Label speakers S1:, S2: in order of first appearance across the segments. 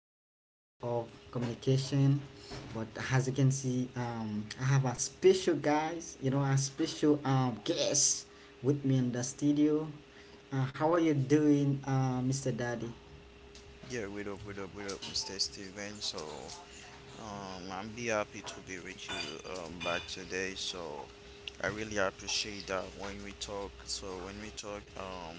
S1: importance of communication. But as you can see, I have a special guys, you know, a special guest with me in the studio. How are you doing, Mr. Daddy?
S2: Yeah, what up, what up, what up, Mr. Steven. So, I'm be happy to be with you back today. So, I really appreciate that when we talk. So, when we talk,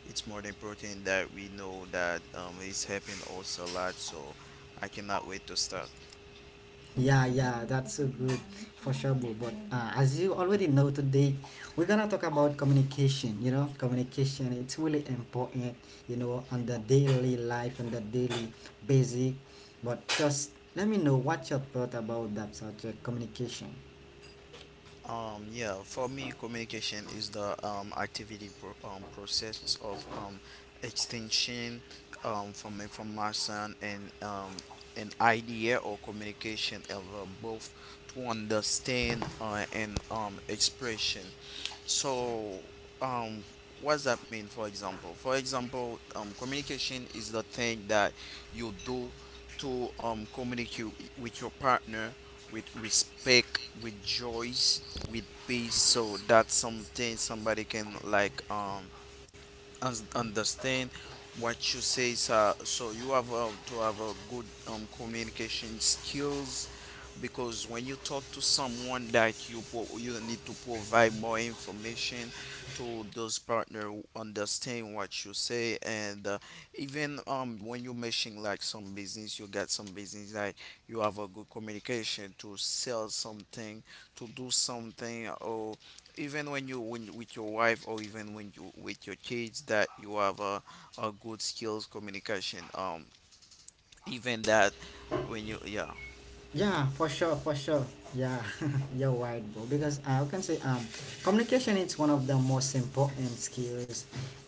S2: it's more important that we know that it's helping us a lot. So, I cannot wait to start.
S1: Yeah, yeah, that's so good for sure, bro. But as you already know today, we're gonna talk about communication. You know, communication it's really important. You know, on the daily life and the daily basic. But just let me know what your thought about that subject, communication.
S2: Yeah, for me, communication is the activity process of extension from information and an idea or communication over both to understand and expression. So, um, what does that mean? For example, communication is the thing that you do to communicate with your partner with respect, with joy, with peace so that something somebody can like understand what you say, sir. So you have to have a good communication skills because when you talk to someone that you you need to provide more information to those partner who understand what you say, and even when you mention like some business you got some business like you have a good communication to sell something, to do something, or even when you when with your wife, or even when you with your kids, that you have a good skills communication even that when you, yeah.
S1: Yeah, for sure, for sure. Yeah, you're right, bro. Because I can say, communication is one of the most important skills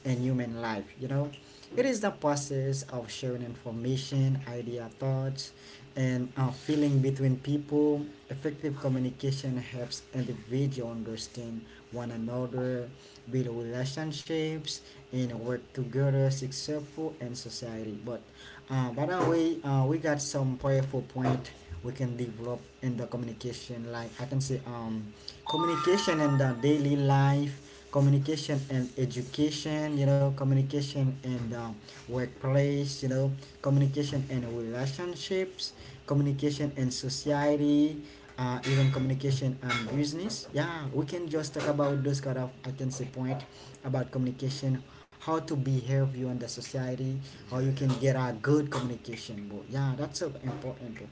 S1: in human life. You know, it is the process of sharing information, idea, thoughts, and feeling between people. Effective communication helps individual understand one another, build relationships, and work together successful in society. But by the way, we got some powerful point we can develop in the communication. Like I can say, communication in the daily life, communication and education, you know, communication in the workplace, you know, communication in relationships, communication in society, even communication and business. Yeah, we can just talk about those kind of, I can say, point about communication, how to behave you in the society, how
S2: Yeah,
S1: you can
S2: yeah,
S1: get a good communication, bro. Yeah, that's so important, bro.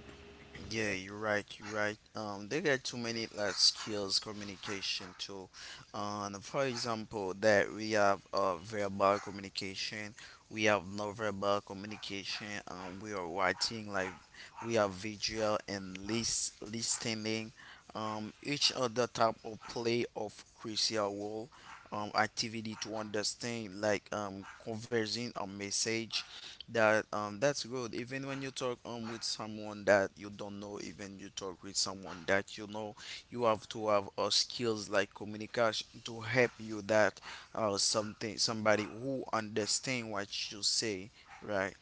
S2: yeah. You're right, you're right. They got too many like skills communication too. For example that we have verbal communication, we have non-verbal communication we are writing like, we have visual and listening. Each other type of play of crucial role, activity to understand like, conversing a message that's good even when you talk with someone that you don't know, even you talk with someone that you know, you have to have skills like communication to help you that something somebody who understand what you say, right?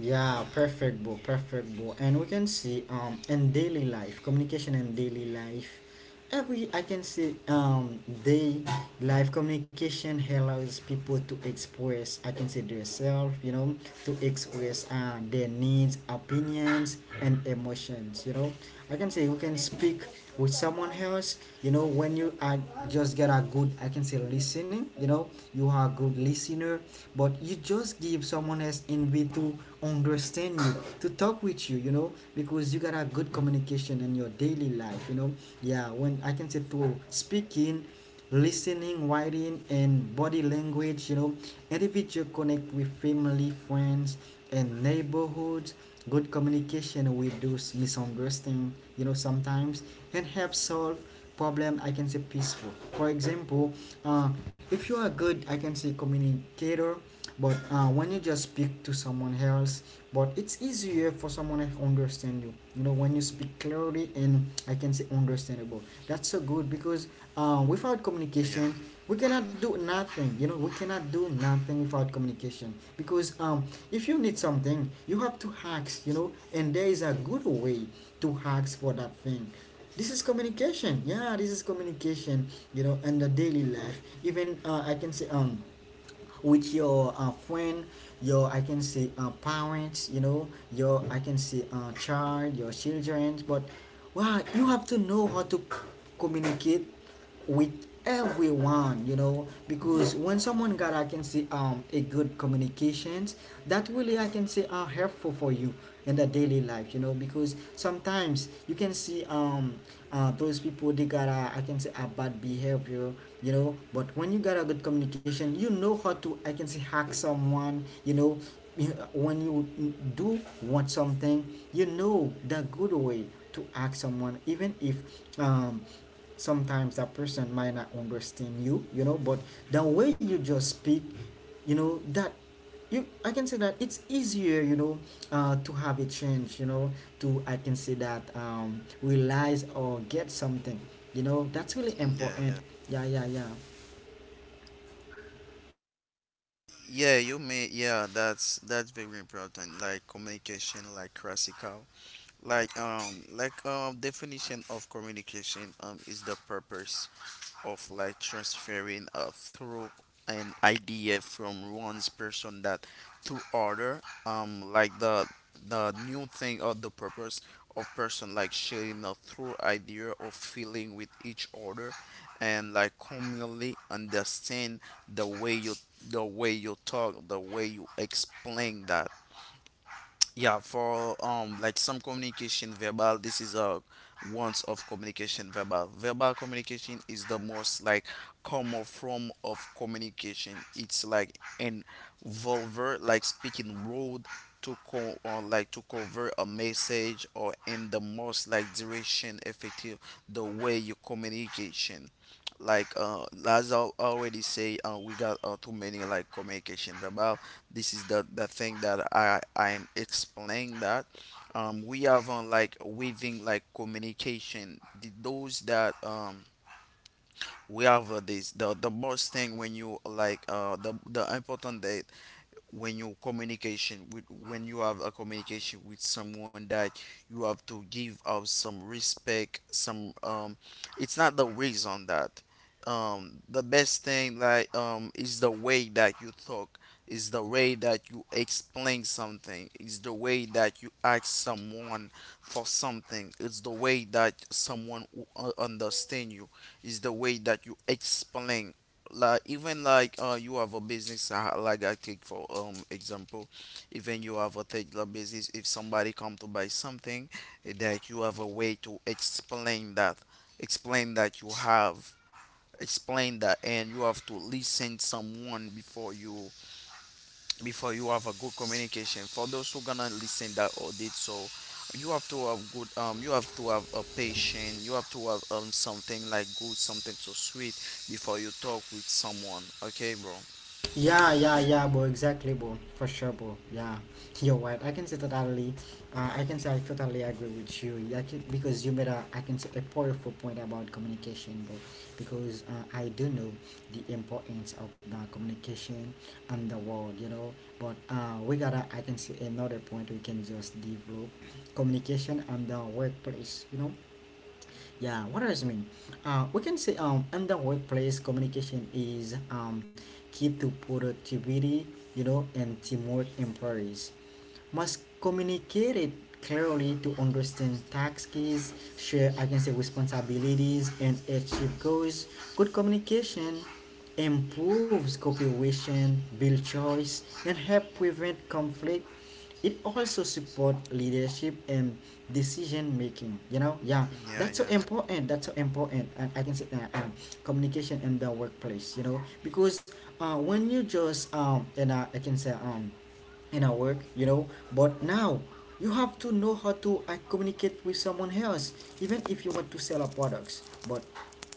S1: Yeah, perfect, bro. Perfect, bro. And we can see in daily life, communication in daily life. Every, I can see, day life, communication allows people to express, I can say, themselves, you know, to express their needs, opinions, and emotions. You know, I can say who can speak with someone else. You know, when you are just get a good, I can say, listening. You know, you are a good listener, but you just give someone else envy to understand you, to talk with you. You know, because you got a good communication in your daily life. You know, yeah. When, I can say, through speaking, listening, writing, and body language, you know, individual connect with family, friends, and neighborhood, good communication with those misunderstanding, you know, sometimes, and help solve problem, I can say, peaceful. For example, uh, if you are good, I can say, communicator. But when you just speak to someone else, but it's easier for someone to understand you, you know, when you speak clearly and, I can say, understandable. That's so good, because, without
S2: Yeah,
S1: communication, we cannot do nothing. You know, we cannot do nothing without communication, because, if you need something, you have to ask, you know, and there is a good way to ask for that thing. This is communication. Yeah, this is communication. You know, in the daily life, even, I can say, with your friend, your, I can say, parents, you know, your, I can say, child, your children. But wow, you have to know how to communicate with everyone. You know, because when someone got, I can say, a good communications, that really, I can say, are helpful for you in the daily life, you know, because sometimes you can see, those people they got a, I can say, a bad behavior, you know. But when you got a good communication, you know how to, I can say, hack someone, you know. When you do want something, you know the good way to hack someone, even if um sometimes that person might not understand you, you know, but the way you just speak, you know, that you, I can say, that it's easier, you know, to have a change, you know, to, I can say, that, realize or get something, you know, that's really
S2: yeah,
S1: important.
S2: yeah.
S1: Yeah, yeah, yeah.
S2: Yeah, you may. Yeah, that's very important. Like communication, like classical, like definition of communication is the purpose of like transferring through an idea from one's person that to other like the new thing or the purpose of person like sharing a through idea or feeling with each other, and like commonly understand the way you, the way you talk, the way you explain that. Yeah, for like some communication verbal, this is a ones of communication verbal. Verbal communication is the most like common form of communication. It's like an vulgar like speaking word to co or like to cover a message or in the most like duration effective the way you communication. Like as I already say, we got too many like communication verbal. This is the thing that I'm explaining that we have on like weaving like communication those that we have this the most thing when you like the important the when you communication with, when you have a communication with someone, that you have to give out some respect, some it's not the reason that the best thing like is the way that you talk, is the way that you explain something, is the way that you ask someone for something, it's the way that someone will understand you, is the way that you explain, like even like you have a business, like I take for example, even you have a particular business. If somebody come to buy something, that you have a way to explain that you have, explain that, and you have to listen someone before you, have a good communication for those who gonna listen that audit. So you have to have good you have to have a patient, you have to have something like good something so sweet before you talk with someone, okay bro?
S1: Yeah, yeah, yeah, bro. Exactly, bro. For sure, bro. Yeah, you're right. I can say totally. I can say I totally agree with you, I can, because you made a, I can say, a powerful point about communication, bro. Because I do know the importance of the communication and the world, you know. But we gotta, I can say, another point we can just develop: communication and the workplace, you know. Yeah, what does it mean? We can say, in the workplace, communication is, key to productivity, you know, and teamwork. Employees must communicate it clearly to understand tasks, share, I can say, responsibilities, and achieve goals. Good communication improves cooperation, build choice, and help prevent conflict. It also support leadership and decision making, you know. Yeah,
S2: Yeah,
S1: that's so
S2: yeah,
S1: important, that's so important. And, I can say, communication in the workplace, you know, because when you just and I can say, in our work, you know. But now you have to know how to communicate with someone else, even if you want to sell our products. But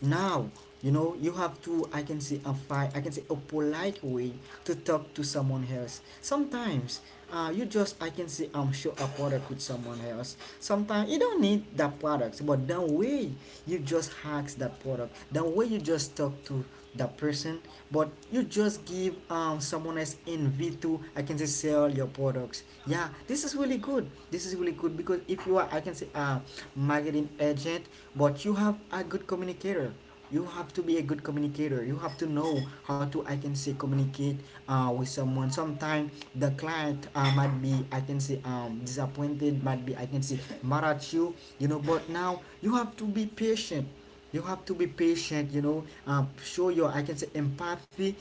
S1: now, you know, you have to, I can say, a I can say, a polite way to talk to someone else. Sometimes you just, I can say, show a product with someone else. Sometimes you don't need that product, but the way you just hacks that product, the way you just talk to that person, but you just give, someone else in v2, I can say, sell your products. Yeah, this is really good, this is really good, because if you are, I can say, a marketing agent, but you have a good communicator, you have to be a good communicator, you have to know how to, I can say, communicate with someone. Sometimes the client might be, I can say, disappointed, might be, I can say, mad at you, you know, but now you have to be patient. You have to be patient, you know, show your, I can say, empathy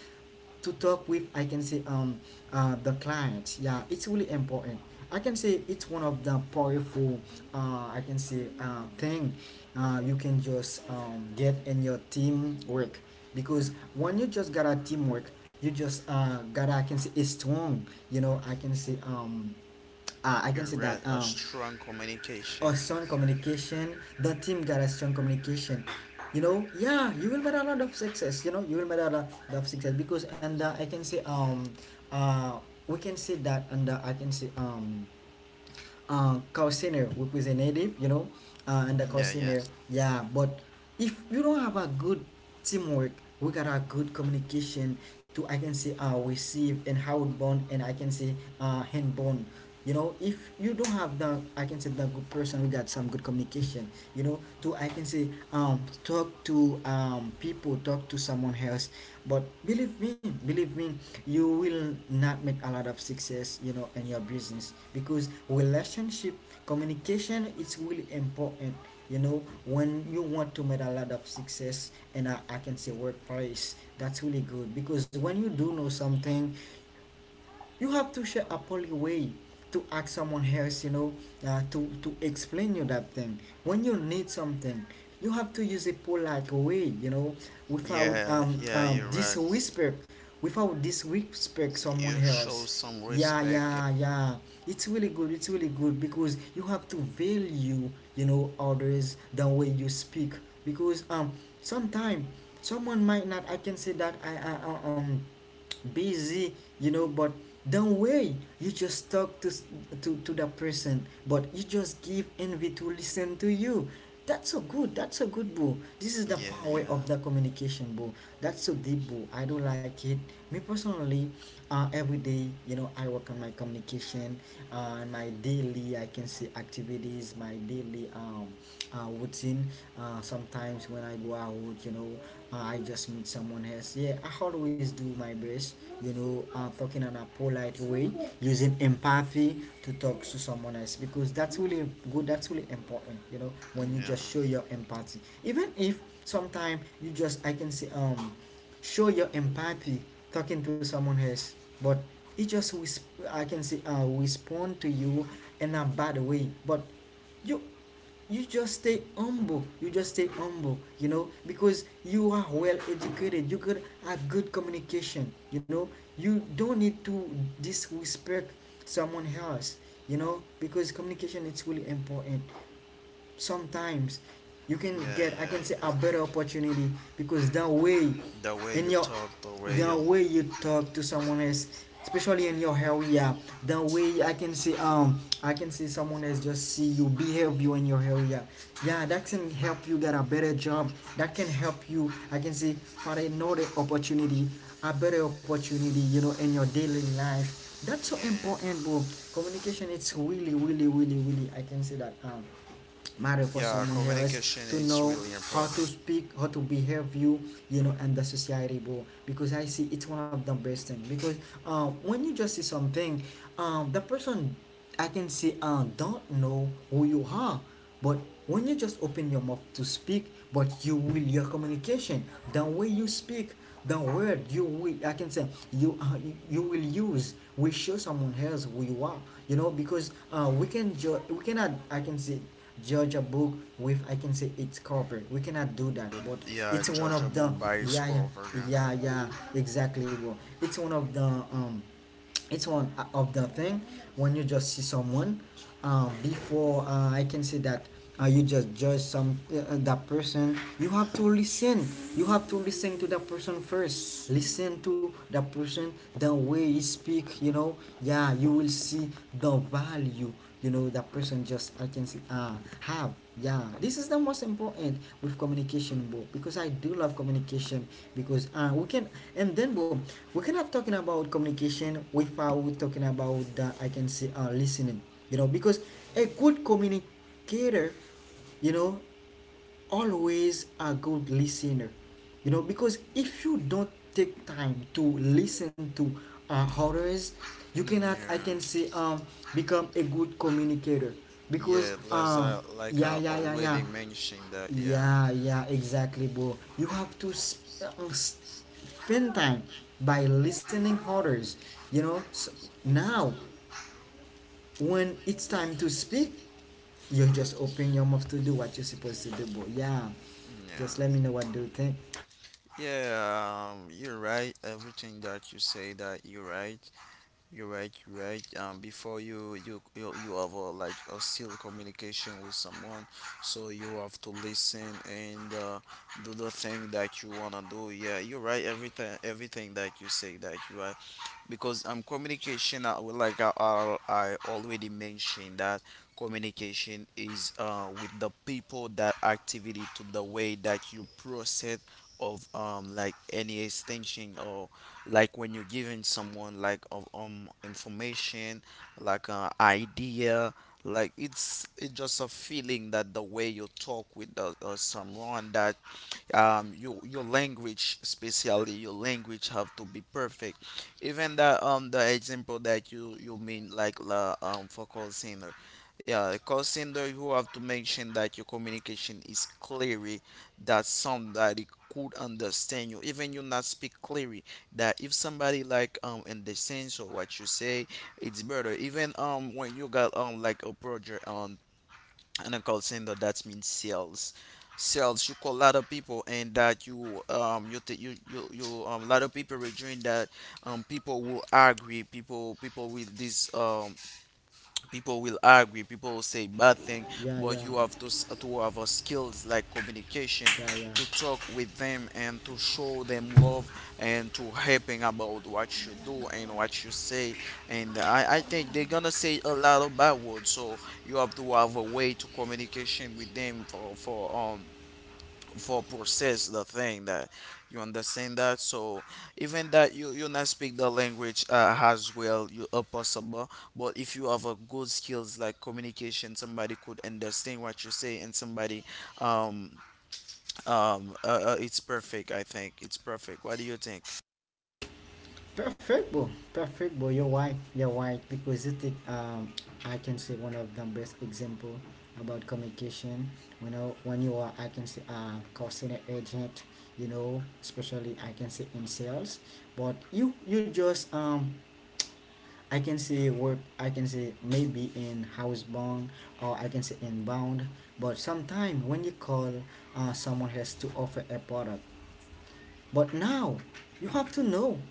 S1: to talk with, I can say, the clients. Yeah, it's really important. I can say it's one of the powerful, I can say, thing you can just get in your teamwork. Because when you just got a teamwork, you just got, I can say, a strong, you know, I can
S2: you're
S1: say
S2: right.
S1: that,
S2: A strong
S1: or
S2: communication.
S1: strong communication. The team got a strong communication. You know, yeah, you will get a lot of success. You know, you will get a lot of success because, and, I can say, uh we can say that, and, I can say, Cousiner representative. You know, and the
S2: Yeah, yeah,
S1: Cousiner, yeah. But if you don't have a good teamwork, we got a good communication to, I can say, receive and how it bond, and, I can say, hand bond, you know. If you don't have the, I can say, the good person, we got some good communication, you know, to, I can say, talk to, people, talk to someone else. But believe me, believe me, you will not make a lot of success, you know, in your business, because relationship communication is really important, you know, when you want to make a lot of success. And I can say, workplace, that's really good, because when you do know something, you have to share a polite way to ask someone else, you know, to explain you that thing. When you need something, you have to use a polite way, you know, without
S2: yeah, yeah, you're right.
S1: disrespect, without disrespect someone
S2: You show
S1: else.
S2: some
S1: Yeah,
S2: respect.
S1: yeah, yeah. It's really good, it's really good, because you have to value, you know, others the way you speak, because sometimes someone might not, I can say, that busy, you know, but don't worry, you just talk to to that person, but you just give envy to listen to you. That's so good, that's so good, boo. This is the
S2: Yeah,
S1: power
S2: yeah,
S1: of the communication, boo. That's so deep, boo. I don't like it. Me personally, every day, you know, I work on my communication, and my daily, I can say, activities, my daily, routine. Sometimes when I go out, you know, I just meet someone else. Yeah, I always do my best, you know, talking in a polite way, using empathy to talk to someone else, because that's really good, that's really important, you know, when you just
S2: yeah.
S1: show your empathy. Even if sometimes you just, I can say, show your empathy talking to someone else, but it just, resp- I can say, respond to you in a bad way. But you you just stay humble, you just stay humble, you know, because you are well educated, you got a good communication, you know. You don't need to disrespect someone else, you know, because communication is really important. Sometimes you
S2: Yeah,
S1: can get, I
S2: yeah,
S1: can say, a better
S2: yeah.
S1: opportunity, because
S2: The way
S1: in
S2: you
S1: your
S2: talk, the way
S1: the
S2: you,
S1: way you talk to someone else, especially in your area. The way, I can say, I can see someone else just see you behave you in your area, yeah, that can help you get a better job. That can help you, I can say, for another opportunity, a better opportunity, you know, in your daily life. That's so important, bro. Communication, it's really really really really, I can say that, matter for
S2: yeah, yeah.
S1: someone else,
S2: Communication
S1: to
S2: is
S1: know
S2: really
S1: how to
S2: important.
S1: speak, how to behave you, you know, and the society, bro, because I see it's one of the best thing. Because when you just see something, the person, I can see, don't know who you are, but when you just open your mouth to speak, but you will your communication, the way you speak, the word you will, I can say, you will use will show someone else who you are, you know, because we cannot, I can say, judge a book with, I can say, its cover. We cannot do that, but
S2: Yeah,
S1: it's one of the...
S2: judgeable by
S1: Yeah, yeah,
S2: score version.
S1: yeah, yeah, exactly bro. It's one of the it's one of the thing, when you just see someone, before I can say that, you just judge some that person, you have to listen. You have to listen to that person first, listen to that person the way he speak, you know. Yeah, you will see the value, you know, that person just, I can see, ah, have, yeah. This is the most important with communication, bro, because I do love communication. Because we can, and then bro, we cannot talking about communication without talking about the, I can say, listening, you know, because a good communicator, you know, always a good listener, you know, because if you don't take time to listen to others, you cannot, I
S2: Yeah,
S1: can say, become a good communicator, because
S2: yeah. That's like
S1: yeah
S2: I
S1: yeah yeah yeah
S2: already mentioned that. Yeah,
S1: yeah yeah exactly bro, you have to spend time by listening others, you know. So now, when it's time to speak, you just open your mouth to do what you're supposed to do, bro. Yeah, just
S2: yeah.
S1: let me know what do you think.
S2: Yeah, you're right. Everything that you say that you're right. You're right, you're right. Before you have like a still communication with someone, so you have to listen and do the thing that you wanna do. Yeah, you're right. Everything that you say that you are, because communication, well, like I already mentioned that communication is with the people that activity to the way that you process of like any extension, or like when you're giving someone like of information, like idea, like it's just a feeling that the way you talk with someone, that your language, especially your language have to be perfect, even the example that you mean like the for call center. Yeah, the call center, you have to mention that your communication is clearly, that somebody could understand you even you not speak clearly, that if somebody like understands or what you say it's better. Even when you got like a project on, in a call center that means sales. Sales, you call a lot of people, and that you you th- you a lot of people are doing that. People will agree, people with this people will argue, people will say bad thing.
S1: Yeah,
S2: But
S1: yeah,
S2: you have to, to have a skills like communication
S1: yeah, yeah.
S2: to talk with them, and to show them love, and to helping about what you do and what you say, and I think they're gonna say a lot of bad words. So you have to have a way to communication with them, for, for process the thing that you understand that. So even that you not speak the language as well you are possible, but if you have a good skills like communication somebody could understand what you say, and somebody um it's perfect. I think it's perfect. What do you think?
S1: Perfect, bro. Perfect, bro. You're right. You're right, because you take, I can say, one of the best example about communication. You know, when you are, I can say, call center agent. You know, especially, I can say, in sales, but you just I can see work, I can see maybe in housebound, or I can say inbound. But sometimes when you call, someone has to offer a product. But now you have to know,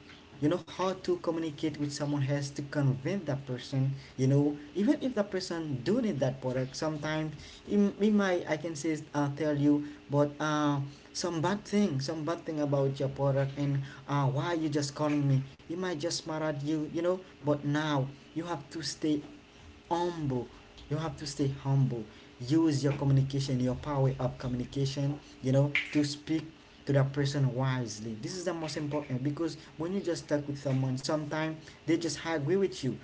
S1: you know, how to communicate with someone has to convince that person, you know, even if that person do need that product, sometimes it might, I can say, tell you, but some bad thing about your product, and why you just calling me, it might just mad at you, you know. But now you have to stay humble. You have to stay humble. Use your communication, your power of communication, you know, to speak to that person wisely. This is the most important, because when you just talk with someone, sometimes they just agree with you.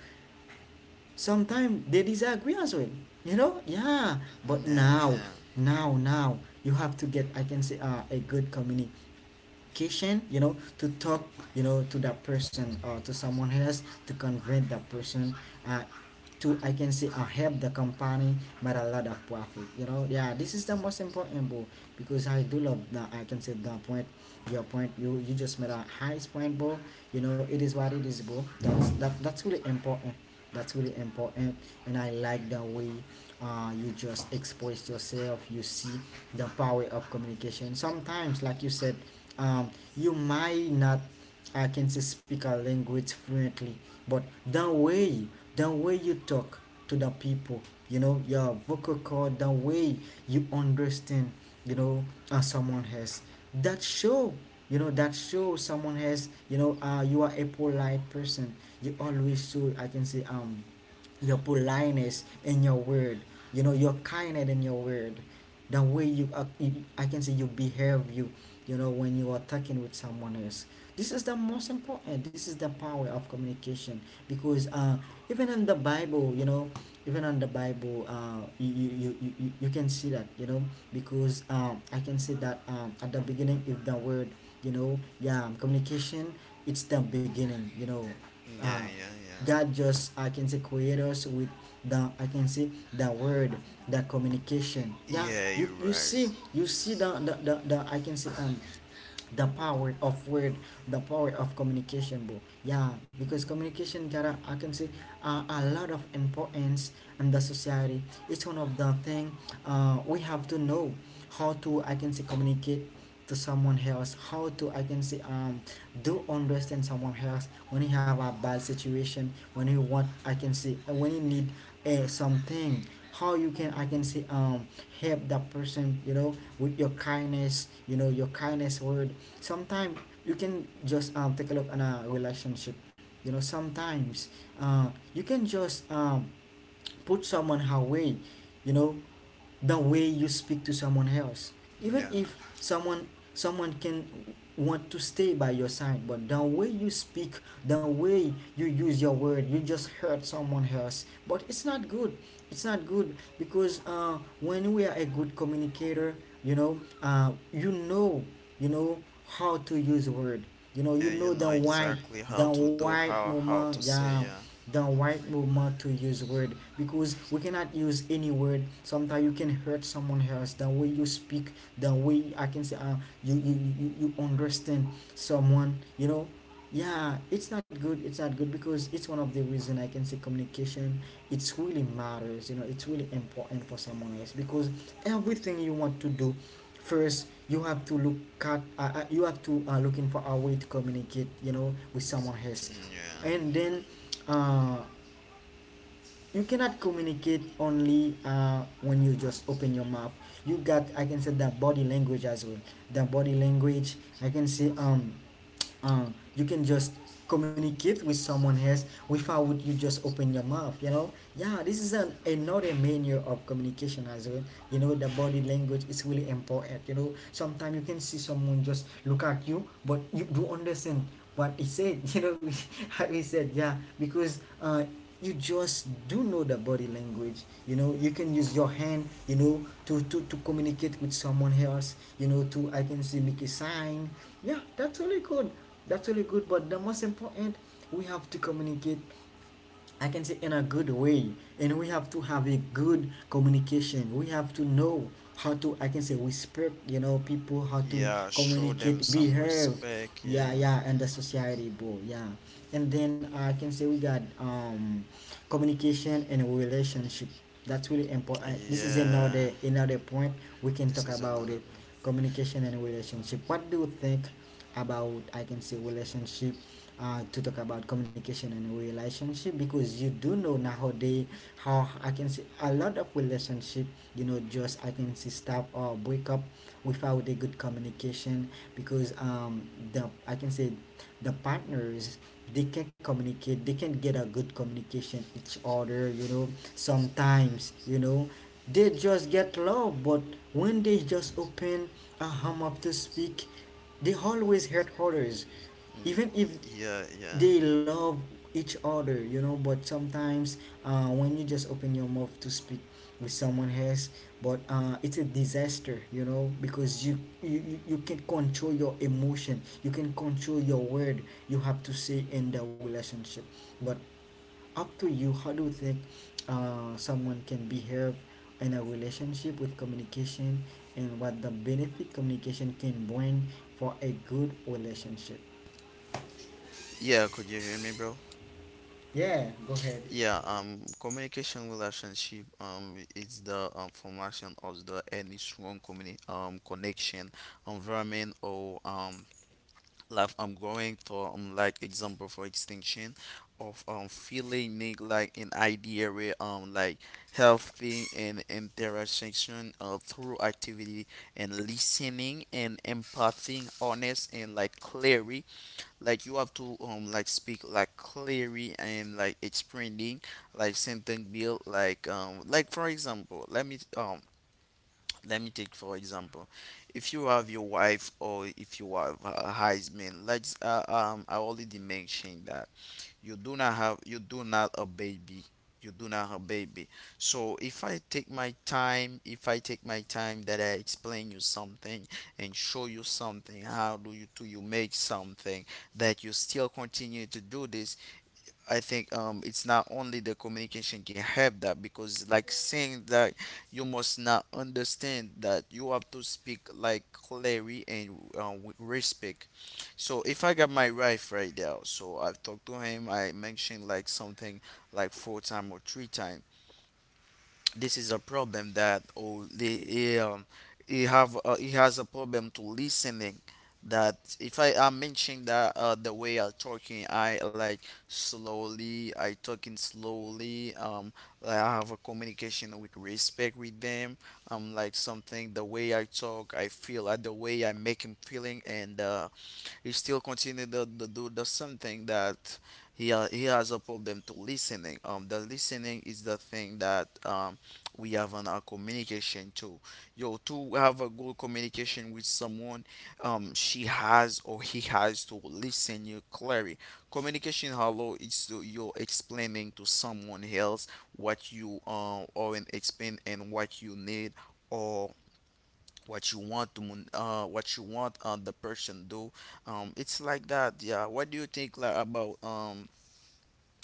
S1: Sometimes they disagree as well. You know, yeah. But now,
S2: Yeah,
S1: now, now, you have to get, I can say, a good communication. You know, to talk, you know, to that person or to someone else, to convince that person, uh, to I can say I help the company make a lot of profit. You know, yeah, this is the most important, bro, because I do love the, I can say, the point, your point. You just made a highest point, bro. You know, it is what it is, bro. That's really important. That's really important, and I like the way, you just express yourself. You see the power of communication. Sometimes, like you said, um, you might not, I can say, speak a language fluently, but the way, the way you talk to the people, you know, your vocal cord, the way you understand, you know, someone has, that show, you know, that show someone has, you know, you are a polite person. You always show, I can say, your politeness in your word, you know, your kindness in your word, the way you, you, I can say, you behave you, you know, when you are talking with someone else. This is the most important, this is the power of communication, because even in the bible, you know, even on the bible, you can see that, you know, because I can say that at the beginning is the word, you know, yeah, communication, it's the beginning, you know.
S2: yeah,
S1: uh
S2: yeah, yeah, yeah,
S1: God just, I can say, created us with the, I can say, the word, the communication, yeah.
S2: yeah,
S1: you
S2: you're
S1: you
S2: right.
S1: see, you see the I can say, the power of word, the power of communication, bro. Yeah, because communication got a, I can say, a lot of importance in the society. It's one of the thing, we have to know how to, I can say, communicate to someone else, how to, I can say, do understand someone else, when you have a bad situation, when you want, I can say, when you need something. How you can, I can say, help that person, you know, with your kindness, you know, your kindness word. Sometimes you can just take a look on a relationship, you know. Sometimes, uh, you can just put someone away, you know, the way you speak to someone else. Even
S2: Yeah,
S1: if someone, someone can want to stay by your side, but the way you speak, the way you use your word, you just hurt someone else, but it's not good. It's not good, because when we are a good communicator, you know, you know, you know how to use word, you know, you
S2: yeah. You
S1: know the
S2: know
S1: why,
S2: exactly
S1: the
S2: how to do,
S1: why
S2: how
S1: moment,
S2: to say,
S1: yeah,
S2: yeah.
S1: the right movement to use word, because we cannot use any word, sometimes you can hurt someone else, the way you speak, the way, I can say, you, you you understand someone, you know. Yeah, it's not good, it's not good, because it's one of the reason, I can say, communication, it's really matters, you know, it's really important for someone else, because everything you want to do, first you have to look at, you have to looking for a way to communicate, you know, with someone else. And
S2: Yeah.
S1: then, uh, you cannot communicate only when you just open your mouth, you got, I can say, the body language as well, the body language, I can say, you can just communicate with someone else without you just open your mouth, you know. Yeah, this is an another manner of communication as well, you know, the body language is really important, you know, sometimes you can see someone just look at you, but you do understand what he said you know how he said, yeah, because you just do know the body language, you know. You can use your hand, you know, to communicate with someone else, you know, to I can see make a sign. Yeah, that's really good, that's really good, but the most important, we have to communicate, I can say, in a good way. And we have to have a good communication. We have to know how to, I can say, respect, you know, people, how to
S2: Yeah, show them
S1: communicate,
S2: some
S1: behave.
S2: respect.
S1: Yeah,
S2: Yeah.
S1: yeah, and the society, bro. Yeah. And then I can say we got communication and relationship. That's really important. This is
S2: Yeah.
S1: another point we can
S2: This
S1: talk
S2: is
S1: about
S2: another
S1: it.
S2: one.
S1: Communication and relationship. What do you think about, I can say, relationship, to talk about communication and relationship? Because you do know nowadays, how I can see, a lot of relationship, you know, just I can see, stop or break up without a good communication. Because the, I can say, the partners, they can not communicate, they can not get a good communication each other, you know. Sometimes, you know, they just get love, but when they just open a hum up to speak, they always hurt others, even if
S2: Yeah, yeah.
S1: they love each other, you know. But sometimes, when you just open your mouth to speak with someone else, but it's a disaster, you know, because you can control your emotion, you can control your word you have to say in the relationship. But up to you, how do you think someone can behave in a relationship with communication, and what the benefit communication can bring for a good relationship.
S2: Yeah, could you hear me, bro?
S1: Yeah, go ahead.
S2: Yeah, communication relationship, it's the formation of the any strong connection, environment, or like I'm going for like example for extinction of feeling make like an idea where like healthy and interaction through activity and listening and empathy honest and like clearly, like you have to like speak like clearly and like explaining like something build like for example, let me take for example, if you have your wife or if you have a husband, let's I already mentioned that you do not a baby. You do not have baby. So if I take my time, if I take my time that I explain you something and show you something, how do you make something that you still continue to do this? I think it's not only the communication can help that, because like saying that you must not understand that you have to speak like clarity, and with respect. So if I got my wife right now, so I've talked to him. I mentioned like something like 4 time or 3 time. This is a problem that, oh, the he have he has a problem to listening. That if I am mentioning that, the way I talking, I like slowly, I talking slowly I have a communication with respect with them, like something the way I talk I feel, the way I make him feeling, and he still continue to do the something that he has a problem to listening. The listening is the thing that we have on our communication too. Yo, to have a good communication with someone, she has or he has to listen you clearly. Communication, hello, is to you explaining to someone else what you are, or explain, and what you need, or what you want to what you want, the person do. It's like that. Yeah, what do you think, like, about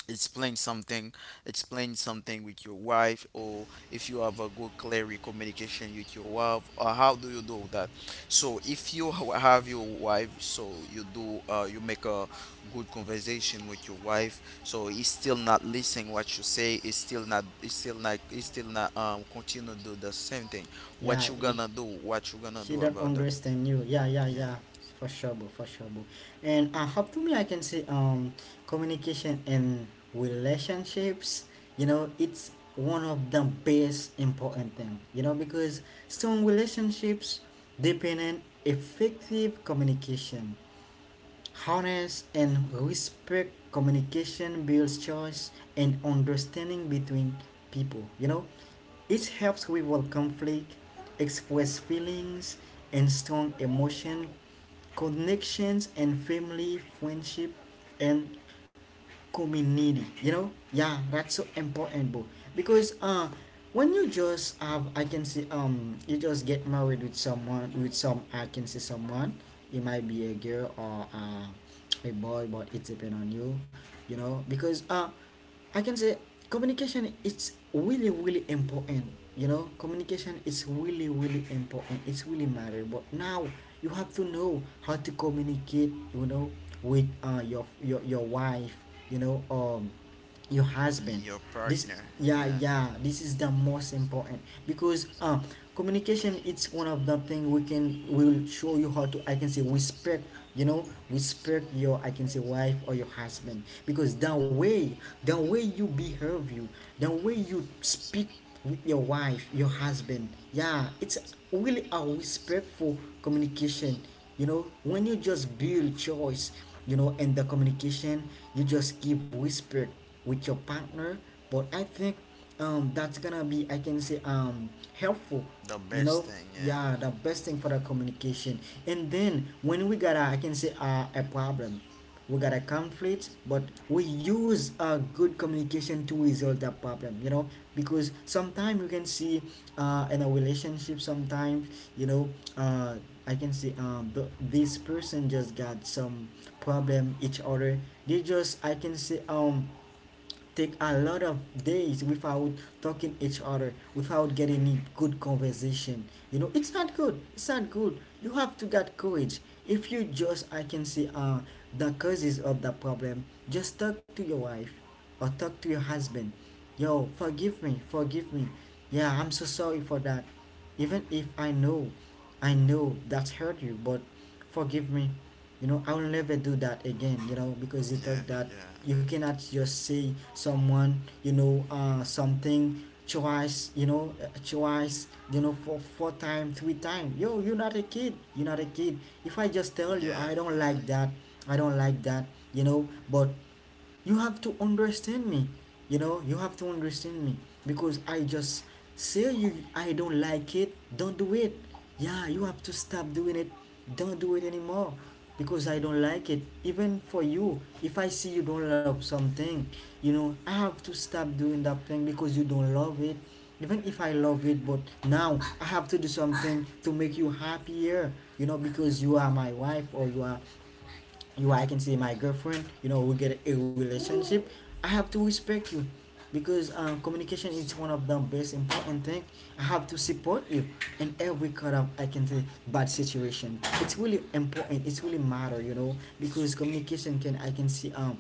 S2: explain something, with your wife, or if you have a good clear communication with your wife, or how do you do that? So if you have your wife, so you do you make a good conversation with your wife, so he's still not listening what you say, it's still not, continue to do the same thing.
S1: Yeah, it,
S2: What you gonna
S1: she
S2: do
S1: don't
S2: about that?
S1: understand you. Yeah, yeah,
S2: Yeah.
S1: yeah. For sure, bro. For sure, bro. And I hope, to me, I can say, communication and relationships. You know, it's one of the best important thing. You know, because strong relationships depend on effective communication, honest and respect. Communication builds trust and understanding between people. You know, it helps resolve conflict, express feelings and strong emotion, connections and family, friendship and community. You know, yeah, that's so important, bro. Because when you just have, I can say, you just get married with someone, with some, I can say, someone. It might be a girl or a boy, but it depends on you. You know, because I can say communication is really really important. You know, communication is really really important. It's really matter. But now you have to know how to communicate. You know, with your your wife. You know, your husband,
S2: Your
S1: this,
S2: partner.
S1: yeah,
S2: Yeah.
S1: yeah, this is the most important. Because communication, it's one of the thing we can will show you how to, I can say, respect. You know, respect your, I can say, wife or your husband. Because the way, the way you behave, you, the way you speak with your wife, your husband, yeah, it's really a respectful communication. You know, when you just build choice, you know, and the communication, you just keep whispered with your partner. But I think that's gonna be, I can say, helpful.
S2: The
S1: You
S2: best
S1: know,
S2: thing, yeah.
S1: yeah, the best thing for the communication. And then when we got a, I can say, a problem, we got a conflict, but we use a good communication to resolve that problem, you know. Because sometimes you can see, in a relationship, sometimes, you know, uh, I can see, this person just got some problem each other. They just, I can see, take a lot of days without talking each other, without getting any good conversation. You know, it's not good. It's not good. You have to get courage. If you just, I can say, the causes of the problem, just talk to your wife or talk to your husband. Yo, forgive me, forgive me. Yeah, I'm so sorry for that. Even if I know, I know that's hurt you, but forgive me. You know, I will never do that again, you know, because you
S2: Yeah,
S1: thought that
S2: yeah.
S1: you cannot just say someone, you know, something twice, you know, twice, you know, for four time, three time. Yo, you're not a kid, you're not a kid. If I just tell you I
S2: Yeah,
S1: don't
S2: yeah.
S1: like that, I don't like that, you know. But you have to understand me, you know, you have to understand me. Because I just say you I don't like it, don't do it. Yeah, you have to stop doing it, don't do it anymore, because I don't like it. Even for you, if I see you don't love something, you know, I have to stop doing that thing because you don't love it, even if I love it. But now I have to do something to make you happier, you know, because you are my wife, or you are, you, I can say, my girlfriend, you know, we get a relationship, I have to respect you. Because communication is one of the best important thing. I have to support you in every kind of, I can say, bad situation. It's really important. It's really matter, you know, because communication can, I can see,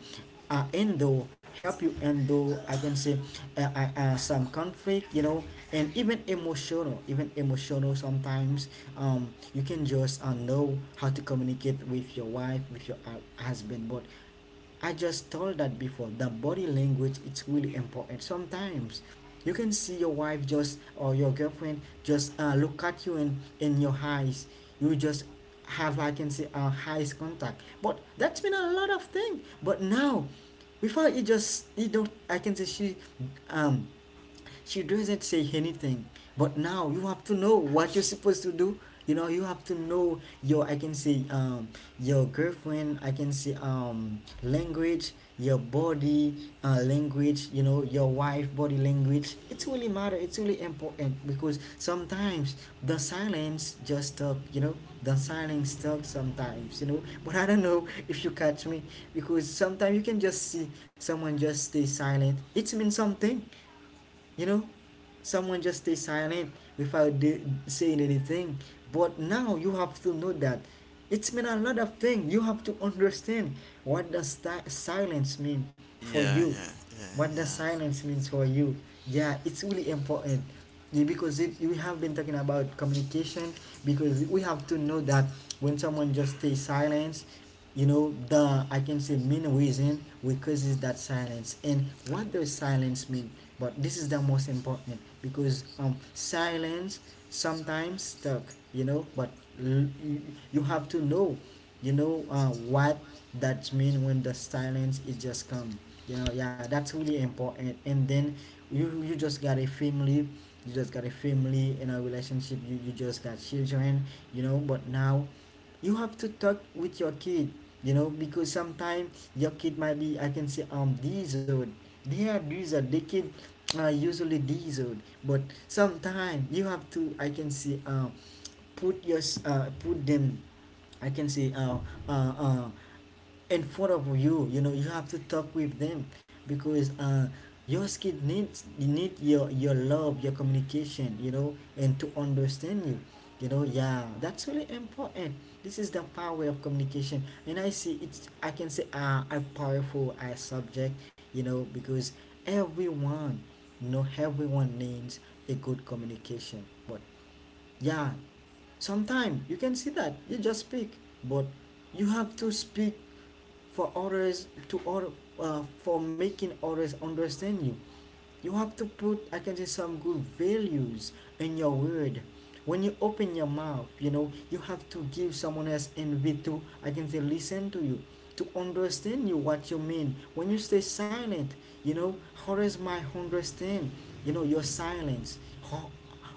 S1: End though help you, end though, I can say, some conflict, you know. And even emotional, even emotional, sometimes you can just know how to communicate with your wife, with your husband. But I just told that before, the body language, it's really important. Sometimes you can see your wife just, or your girlfriend, just look at you and in your eyes. You just have, I can say, eyes contact, but that's been a lot of thing. But now, before it just, you don't, I can say, um she doesn't say anything. But now you have to know what you're supposed to do. You know, you have to know your, I can say, your girlfriend, I can say, language, your body, language, you know, your wife body language, it's really matter, it's really important. Because sometimes the silence just talk. You know, the silence talk sometimes, you know. But I don't know if you catch me. Because sometimes you can just see someone just stay silent, it means something, you know. Someone just stay silent without saying anything. But now you have to know that it's mean a lot of things. You have to understand what does silence mean for
S2: Yeah,
S1: you,
S2: yeah, yeah,
S1: what does
S2: yeah.
S1: silence means for you. Yeah, it's really important. Yeah, because it, we have been talking about communication, because we have to know that when someone just stays silent, you know, the, I can say, main reason we causes that silence, and what does silence mean. But this is the most important, because silence sometimes stuck, you know. But you, you have to know, you know, what that mean, when the silence is just come, you know. Yeah, that's really important. And then, you just got a family, you just got a family in a relationship, you just got children, you know. But now you have to talk with your kid, you know, because sometimes your kid might be, I can say, disordered. They are disordered, the kid are usually disordered. But sometimes you have to, I can say, put your put them, I can say, uh, uh, in front of you, you know. You have to talk with them. Because your kid needs you, need your love, your communication, you know, and to understand you. You know, yeah, that's really important. This is the power of communication, and I see it's, I can say, a powerful subject. You know, because everyone, you know, everyone needs a good communication. But yeah, sometimes you can see that you just speak, but you have to speak for others to order, for making others understand you. You have to put, I can say, some good values in your word. When you open your mouth, you know, you have to give someone else envy to, I can say, listen to you, to understand you what you mean. When you stay silent, you know, others might understand, you know, your silence. How,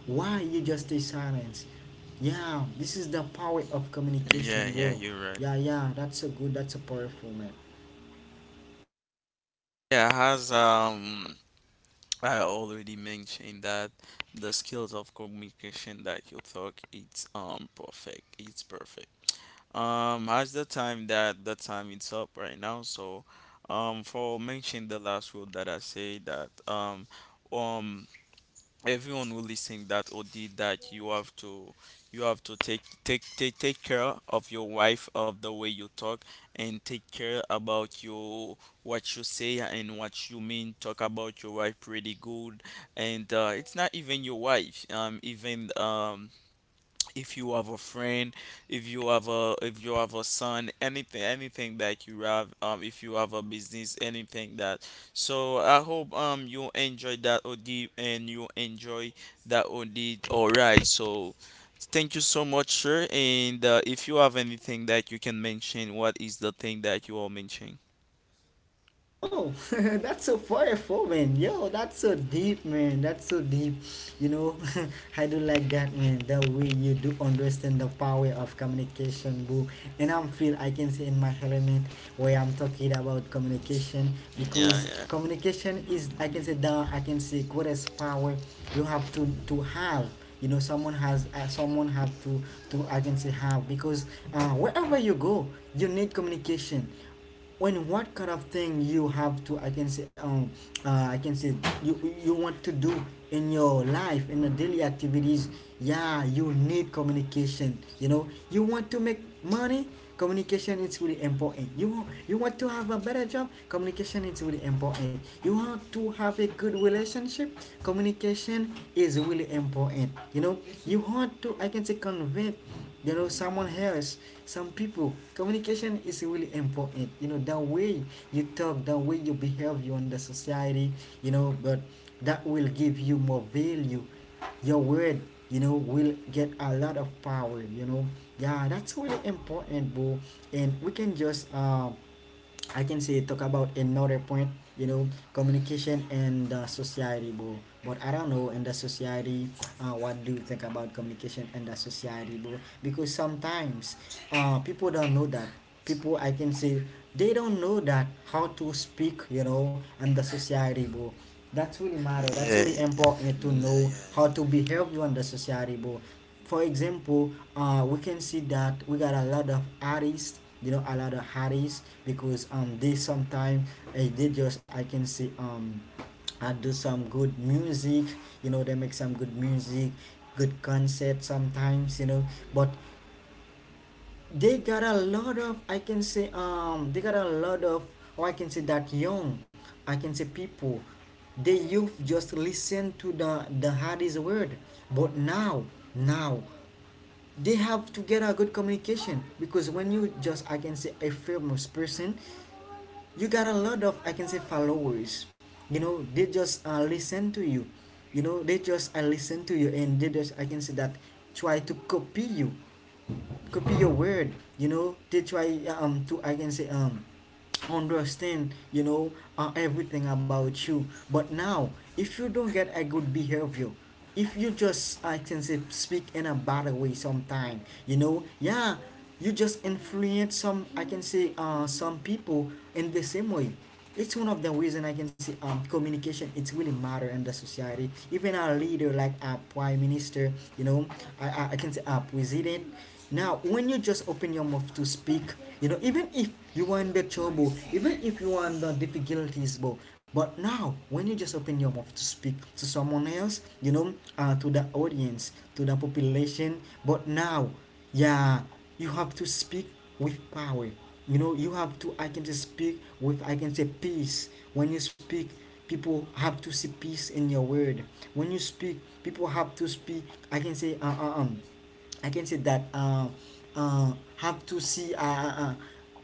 S1: why you just stay silent? Yeah, this is the power of
S2: Yeah,
S1: communication.
S2: yeah,
S1: Whoa.
S2: you're right.
S1: Yeah, yeah, that's a good, that's a powerful man.
S2: Yeah, as I already mentioned that, the skills of communication that you talk, it's perfect. It's perfect. As the time it's up right now, so for mentioning the last word that I say, that um, everyone who listening that or did that, you have to, take care of your wife, of the way you talk, and take care about your, what you say and what you mean. Talk about your wife pretty good, and it's not even your wife. Even if you have a friend, if you have a, son, anything, that you have, if you have a business, anything that. So I hope you enjoy that od, and you enjoy that od. All right, so thank you so much, sir, and if you have anything that you can mention, what is the thing that you are mentioning?
S1: Oh, that's so powerful, man. Yo, that's so deep, man. That's so deep. You know, I do like that, man. The way you do understand the power of communication, boo. And I'm feel, I can say, in my element where I'm talking about communication,
S2: Yeah,
S1: because
S2: yeah,
S1: communication is, I can say, the, I can say, greatest power you have to have. You know, someone has, someone have to, I can say, have. Because wherever you go, you need communication. When, what kind of thing you have to, I can say, I can say, you you want to do in your life, in the daily activities, yeah, you need communication. You know, you want to make money, communication is really important. You you want to have a better job, communication is really important. You want to have a good relationship, communication is really important, you know. You want to, I can say, convince, you know, someone else, some people, communication is really important. You know, the way you talk, the way you behave you in the society, you know, but that will give you more value. Your word, you know, will get a lot of power, you know. Yeah, that's really important, bro. And we can just I can say talk about another point, you know, communication and the society, bro. But I don't know, in the society, what do you think about communication and the society, bro? Because sometimes, people don't know that. People, I can say, they don't know that how to speak, you know, and the society, bro. That's really matter. That's
S2: yeah.
S1: really important to
S2: Mm, yeah,
S1: know how
S2: yeah.
S1: to behave you in the society, bro. For example, we can see that we got a lot of artists, you know, a lot of artists, because they sometimes, they just, I can see do some good music, you know, they make some good music, good concert sometimes, you know. But they got a lot of, I can say, they got a lot of, or I can say that young, I can say people, the youth, just listen to the hardest word. But now they have to get a good communication, because when you just, I can say, a famous person, you got a lot of, I can say, followers, you know, they just listen to you. You know, they just listen to you, and they just, I can say that, try to copy you, copy your word. You know, they try to, I can say, understand, you know, everything about you. But now, if you don't get a good behavior, if you just, I can say, speak in a bad way sometime, you know, yeah, you just influence some, I can say, some people in the same way. It's one of the reason I can see, communication, it's really matter in the society. Even our leader, like our prime minister, you know, I can say our president, now when you just open your mouth to speak, you know, even if you are in the trouble, even if you are in the difficulties, bro. But now, when you just open your mouth to speak to someone else, you know, to the audience, to the population. But now, yeah, you have to speak with power. You know, you have to, I can say, speak with, I can say, peace. When you speak, people have to see peace in your word. When you speak, people have to speak, I can say, uh, uh, um. I can say that have to see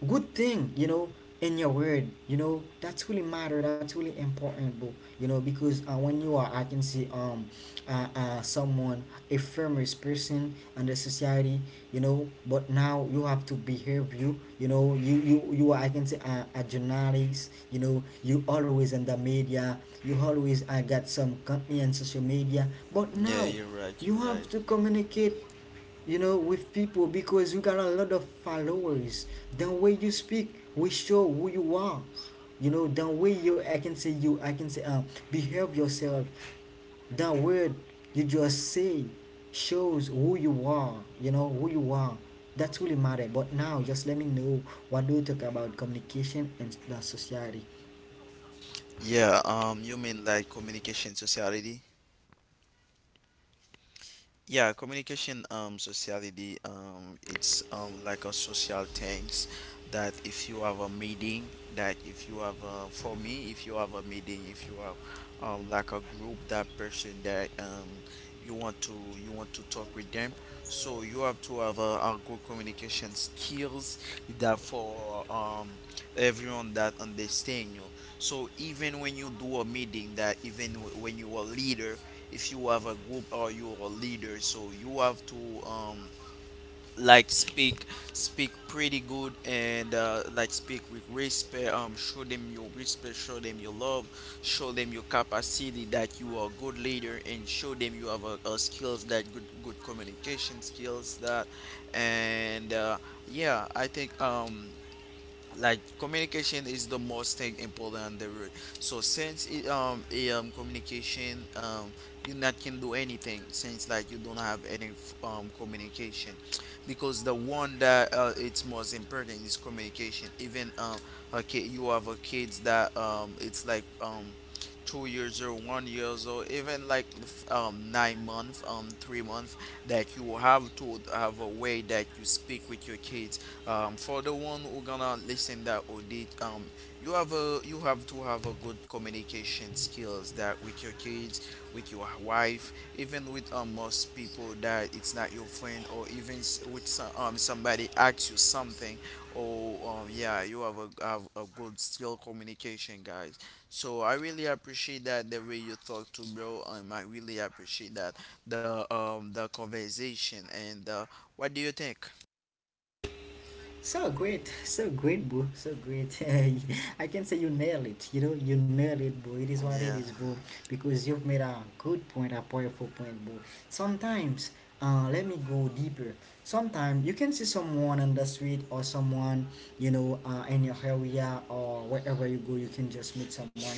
S1: a good thing, you know, in your word. You know, that's really matter. That's really important, bro. You know, because when you are, I can see, someone, a famous person in the society, you know, but now you have to behave you, you know, you are, I can say, a journalist, you know, you always in the media, you always, I got some company on social media. But
S2: Yeah,
S1: now
S2: you're right, you're
S1: you have
S2: right.
S1: to communicate, you know, with people, because you got a lot of followers. The way you speak, we show who you are. You know, the way you, I can say, you, I can say, behave yourself, the word you just say shows who you are, you know, who you are. That's really matter. But now, just let me know, what do you think about communication and the society?
S2: Yeah, you mean like communication sociality? Yeah, communication, sociality, it's like a social things, that if you have a meeting, that if you have a, for me, if you have a meeting, if you have like a group, that person that you want to, talk with them, so you have to have a, good communication skills, that for everyone that understand you. So even when you do a meeting, that even when you are leader, if you have a group or you're a leader, so you have to like speak pretty good, and like speak with respect, show them your respect, show them your love, show them your capacity, that you are a good leader, and show them you have a, skills that good, communication skills, that, and yeah, I think like communication is the most thing important on the road. So since it, communication, you not can do anything, since like you don't have any communication. Because the one that it's most important is communication. Even okay, you have a kids, that it's like 2 years or 1 years or even like 9 month, 3 month, that you have to have a way that you speak with your kids, for the one who gonna listen that audit, you have to have a good communication skills, that with your kids, with your wife, even with most people that it's not your friend, or even with some, somebody asks you something, or yeah, you have a, have a good skill communication, guys. So I really appreciate that, the way you talk to, bro. I really appreciate that, the the conversation, and what do you think?
S1: So great, so great, bro, so great. I can say you nail it. You know, you nail it, bro. It is what it
S2: Yeah.
S1: is, bro. Because you've made a good point, a powerful point, bro. Sometimes, let me go deeper. Sometimes you can see someone on the street, or someone, you know, in your area, or wherever you go, you can just meet someone,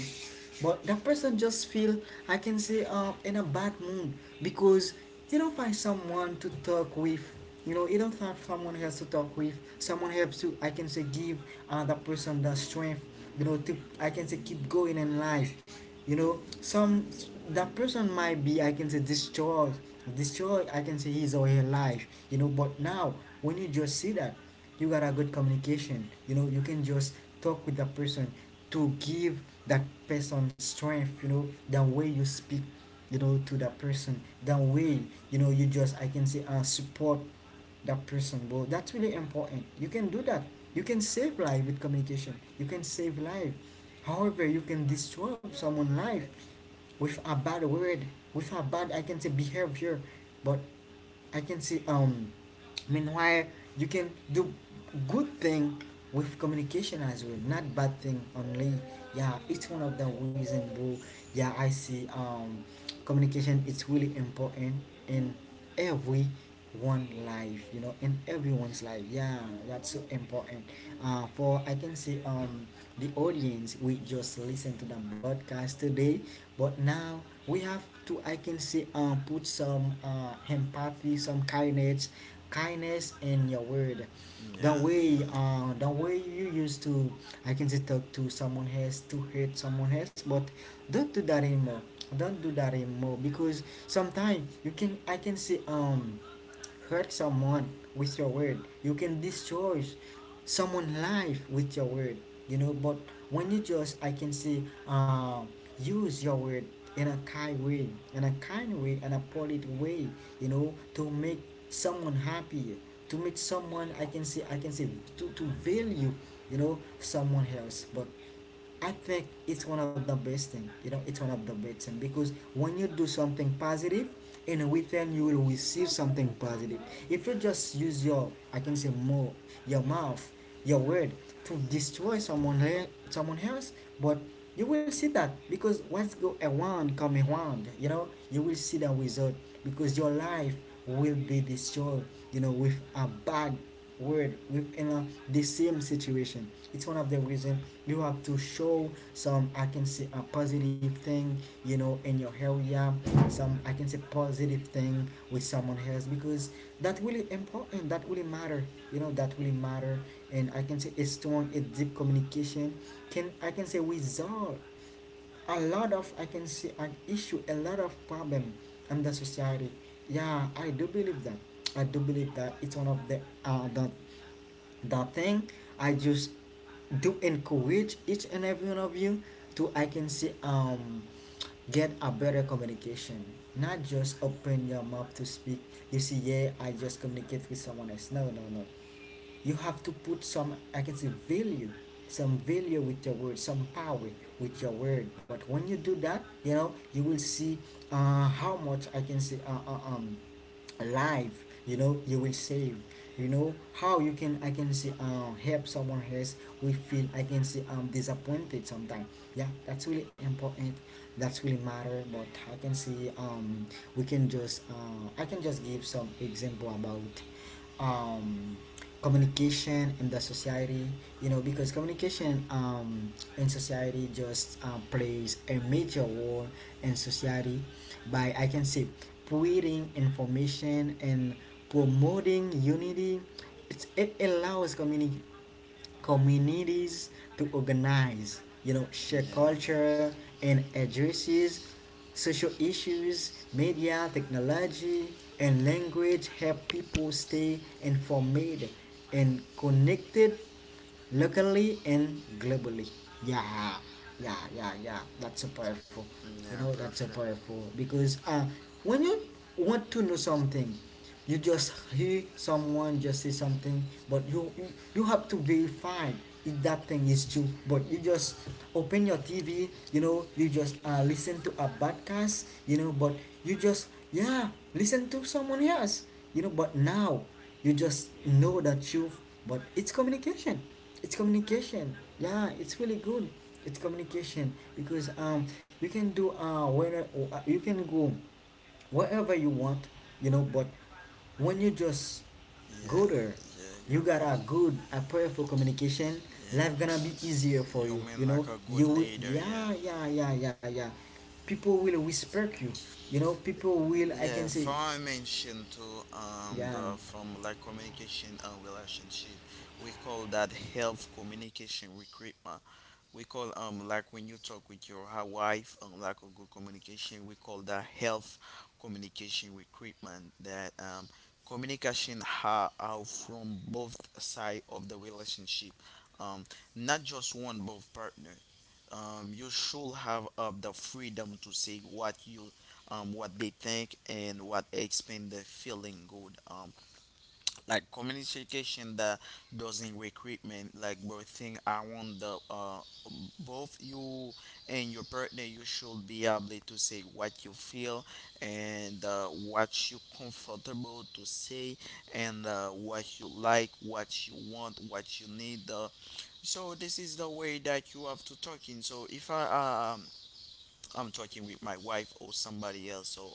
S1: but that person just feel, I can say, in a bad mood. Because you don't find someone to talk with, you know, you don't find someone else to talk with, someone helps to, I can say, give, that person the strength, you know, to, I can say, keep going in life. You know, some, that person might be, I can say, destroyed, destroyed, I can say, his or her life, you know. But now, when you just see that, you got a good communication, you know, you can just talk with that person, to give that person strength. You know, the way you speak, you know, to that person, the way, you know, you just, I can say, support that person, bro. That's really important. You can do that. You can save life with communication. You can save life. However, you can destroy someone's life with a bad word, with a bad, I can say, behavior. But I can see, meanwhile, you can do good thing with communication as well, not bad thing only. Yeah, it's one of the reason, bro. Yeah, I see, communication is really important in every one life, you know, in everyone's life. Yeah, that's so important. For I can see, the audience we just listen to the podcast today. But now we have to, I can say, put some empathy, some kindness, in your word. The
S2: Yeah,
S1: way, the way you used to, I can say, talk to someone else, to hurt someone else. But don't do that anymore. Don't do that anymore, because sometimes you can, I can say, hurt someone with your word. You can destroy someone's life with your word. You know, but when you just, I can say, uh, use your word in a kind way, in a kind way, in a polite way. You know, to make someone happy, to make someone, I can say, to value, you know, someone else. But I think it's one of the best thing. You know, it's one of the best thing, because when you do something positive, in a return you will receive something positive. If you just use your, I can say, more, your mouth, your word, to destroy someone, someone else, but you will see that, because what's go around come around. You know, you will see the result, because your life will be destroyed. You know, with a bad word, with, you know, the same situation. It's one of the reason you have to show some, I can see, a positive thing, you know, in your area. Some, I can say, positive thing with someone else, because that really important. That really matter. You know, that really matter. And I can say a strong, a deep communication can, I can say, resolve a lot of, I can say, an issue, a lot of problem in the society. Yeah, I do believe that. I do believe that it's one of the, the thing I just do encourage each and every one of you to, I can see, get a better communication. Not just open your mouth to speak. You see, yeah, I just communicate with someone else. No, no, no. You have to put some, I can say, value, some value with your word, some power with your word. But when you do that, you know, you will see how much, I can say, life, you know, you will save. You know, how you can, I can say, help someone else we feel, I can say, disappointed sometimes. Yeah, that's really important. That's really matter. But I can see, we can just, I can just give some example about um communication in the society. You know, because communication, in society just, plays a major role in society, by, I can say, putting information and promoting unity. It's, it allows communities to organize, you know,
S2: yeah,
S1: share culture,
S2: yeah,
S1: and addresses social issues. Media, technology, and language help people stay informed and connected, locally and globally. Yeah yeah yeah yeah that's so powerful. You
S2: yeah,
S1: know, that's so
S2: perfect.
S1: powerful, because when you want to know something, you just hear someone just say something, but you have to verify if that thing is true. But you just open your TV, you know, you just listen to a podcast, you know, but you just, yeah, listen to someone else. You know, but now you just know the truth. But it's communication, it's communication. Yeah, it's really good. It's communication, because you can do where you can go wherever you want, you know, but when you just go
S2: Yeah,
S1: there,
S2: yeah,
S1: you
S2: you're
S1: got
S2: right.
S1: a good, a powerful communication, life gonna
S2: Yeah,
S1: be easier for
S2: you
S1: you.
S2: mean
S1: You
S2: like
S1: know,
S2: a good
S1: you will.
S2: leader, yeah.
S1: Yeah, yeah, yeah, yeah, yeah. People will respect you. You know, people will, I can
S2: Yeah,
S1: say,
S2: for I mentioned too,
S1: yeah.
S2: but from like communication and relationship, we call that health communication recruitment. We call like when you talk with your wife, lack of good communication. We call that health communication recruitment. That communication ha out from both side of the relationship, um not just one, both partner. You should have the freedom to say what you, what they think, and what explain the feeling good, like communication that doesn't recruitment, like both thing around the both you and your partner, you should be able to say what you feel, and what you comfortable to say, and what you like, what you want, what you need, so this is the way that you have to talk in. So if I'm talking with my wife or somebody else. So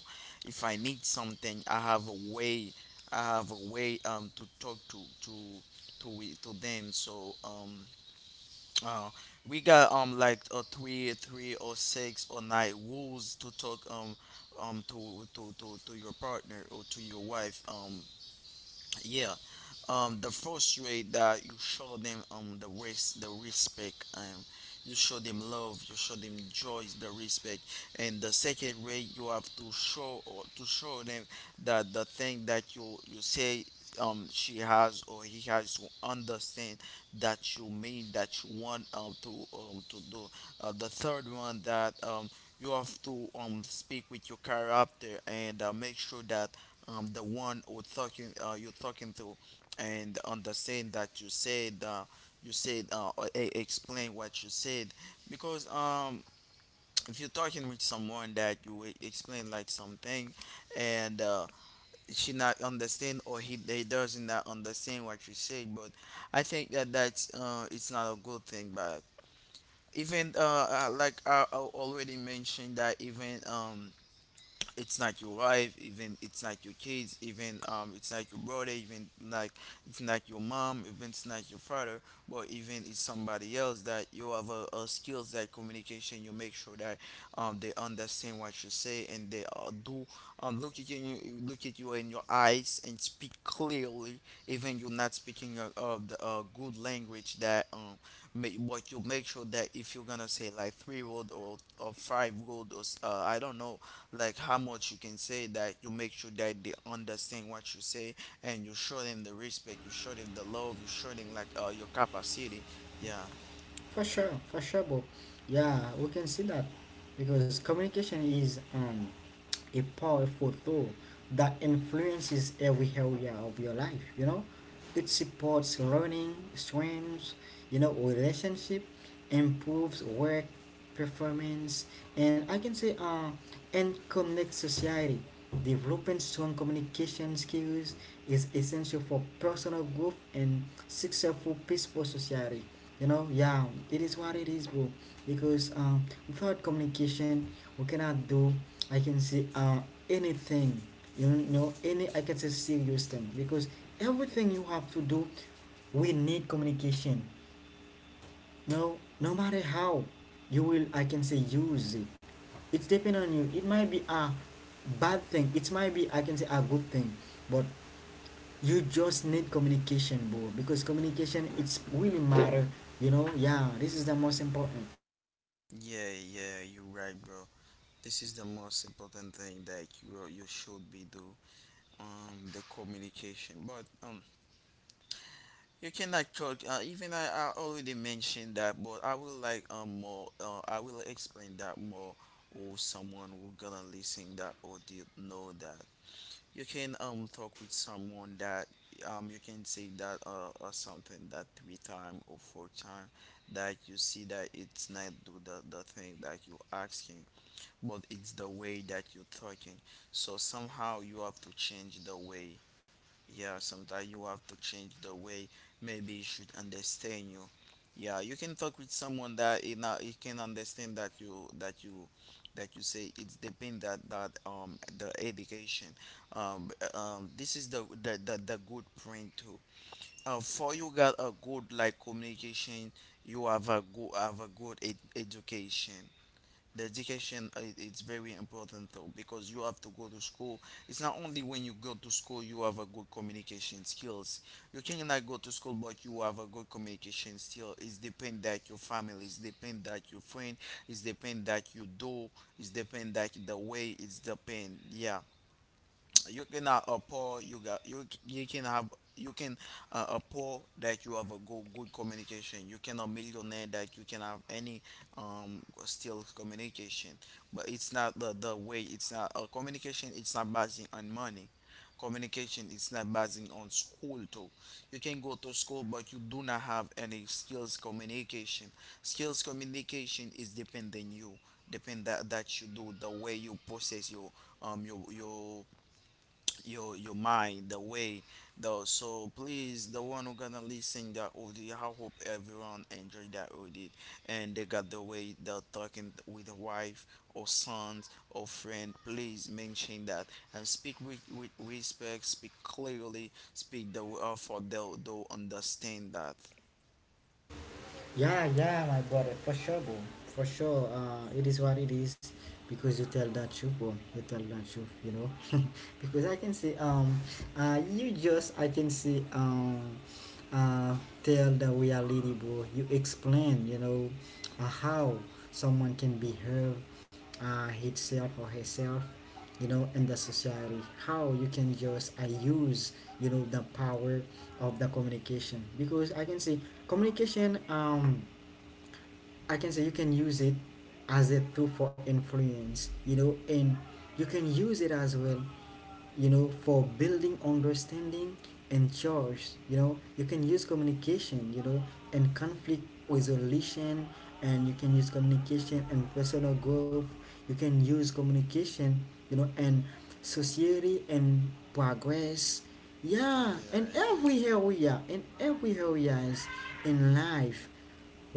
S2: if I need something, I have a way. I have a way to talk to we, to them. So uh we got like three, or six, or nine rules to talk, to your partner or to your wife. Yeah. The first way that you show them the the respect, you show them love, you show them joy, the respect. And the second way, you have to show, or to show them, that the thing that you say, she has or he has to understand, that you mean, that you want to do. The third one, that you have to speak with your character, and make sure that, the one who talking you're talking to, and understand that you said, or explain what you said. Because if you're talking with someone that you explain like something, and she not understand, or he, they doesn't not understand what you say. But I think that that's it's not a good thing, but even like I already mentioned that, even it's not your wife, even it's not your kids, even it's not your brother, even like it's not your mom, even it's not your father, but even it's somebody else, that you have a, skills that communication, you make sure that they understand what you say, and they do, look at you, in your eyes, and speak clearly. Even you're not speaking a, good language, that may, but you make sure that, if you're gonna say like three word, or five word or I don't know like how much you can say, that you make sure that they understand what you say, and you show them the respect, you show them the love, you show them like your capacity. Yeah.
S1: For sure, Bob. Yeah, we can see that, because communication is, a powerful tool that influences every area of your life. You know, it supports learning, strengths, you know, relationship, improves work performance, and I can say, and connects society. Developing strong communication skills is essential for personal growth and successful, peaceful society. You know, yeah, it is what it is, bro. Because, without communication, we cannot do, I can say, anything. You know, any, I can say, serious thing, because everything you have to do, we need communication. No, no matter how, you will, I can say, use it. It's depend on you. It might be a bad thing. It might be, I can say, a good thing, but you just need communication, bro, because communication, it's really matter, you know. Yeah, this is the most important.
S2: Yeah, yeah, you're right, bro. This is the most important thing that you should be do, um the communication. But you cannot talk. Even I already mentioned that, but I will like more. I will explain that more, or someone who gonna listen that, or did know that. You can talk with someone that you can say that or something that three time or four time, that you see that it's not do the, thing that you asking, but it's the way that you talking. So somehow you have to change the way. Yeah, sometimes you have to change the way, maybe you should understand you. Yeah, you can talk with someone that you know, you can understand that you that you say, it's depend that the education. This is the good point too, for you got a good like communication, you have a good, education. The education, it's very important though, because you have to go to school. It's not only when you go to school you have a good communication skills. You cannot go to school but you have a good communication skill. It's depend that your family, it's depend that your friend, it's depend that you do, it's depend that the way, it's depend, yeah. You cannot appear, you got, you can have, you can appear that you have a good, communication. You cannot millionaire that you can have any still communication. But it's not the, way. It's not communication. It's not basing on money. Communication, it's not basing on school too. You can go to school but you do not have any skills communication. Skills communication is depending you, depend that you do, the way you process your um your your your mind, the way, though. So please, the one who gonna listen that audio, I hope everyone enjoyed that audio, and they got the way they're talking with the wife or sons or friend. Please mention that, and speak with, respect, speak clearly, speak the way for they'll understand that.
S1: Yeah, yeah, my brother, for sure, bro, for sure. It is what it is because you tell that truth, bro, you tell that truth, you know. Because I can see you just, I can see, uh tell the reality, bro. You explain, you know, how someone can behave, uh, himself or herself, you know, in the society. How you can just, I use, you know, the power of the communication. Because I can see communication, um, I can say you can use it as a tool for influence, you know, and you can use it as well, you know, for building understanding and choice. You know, you can use communication, you know, and conflict resolution, and you can use communication and personal growth. You can use communication, you know, and society and progress.
S2: Yeah,
S1: Yeah, in
S2: yeah.
S1: every area, in every areas, in life,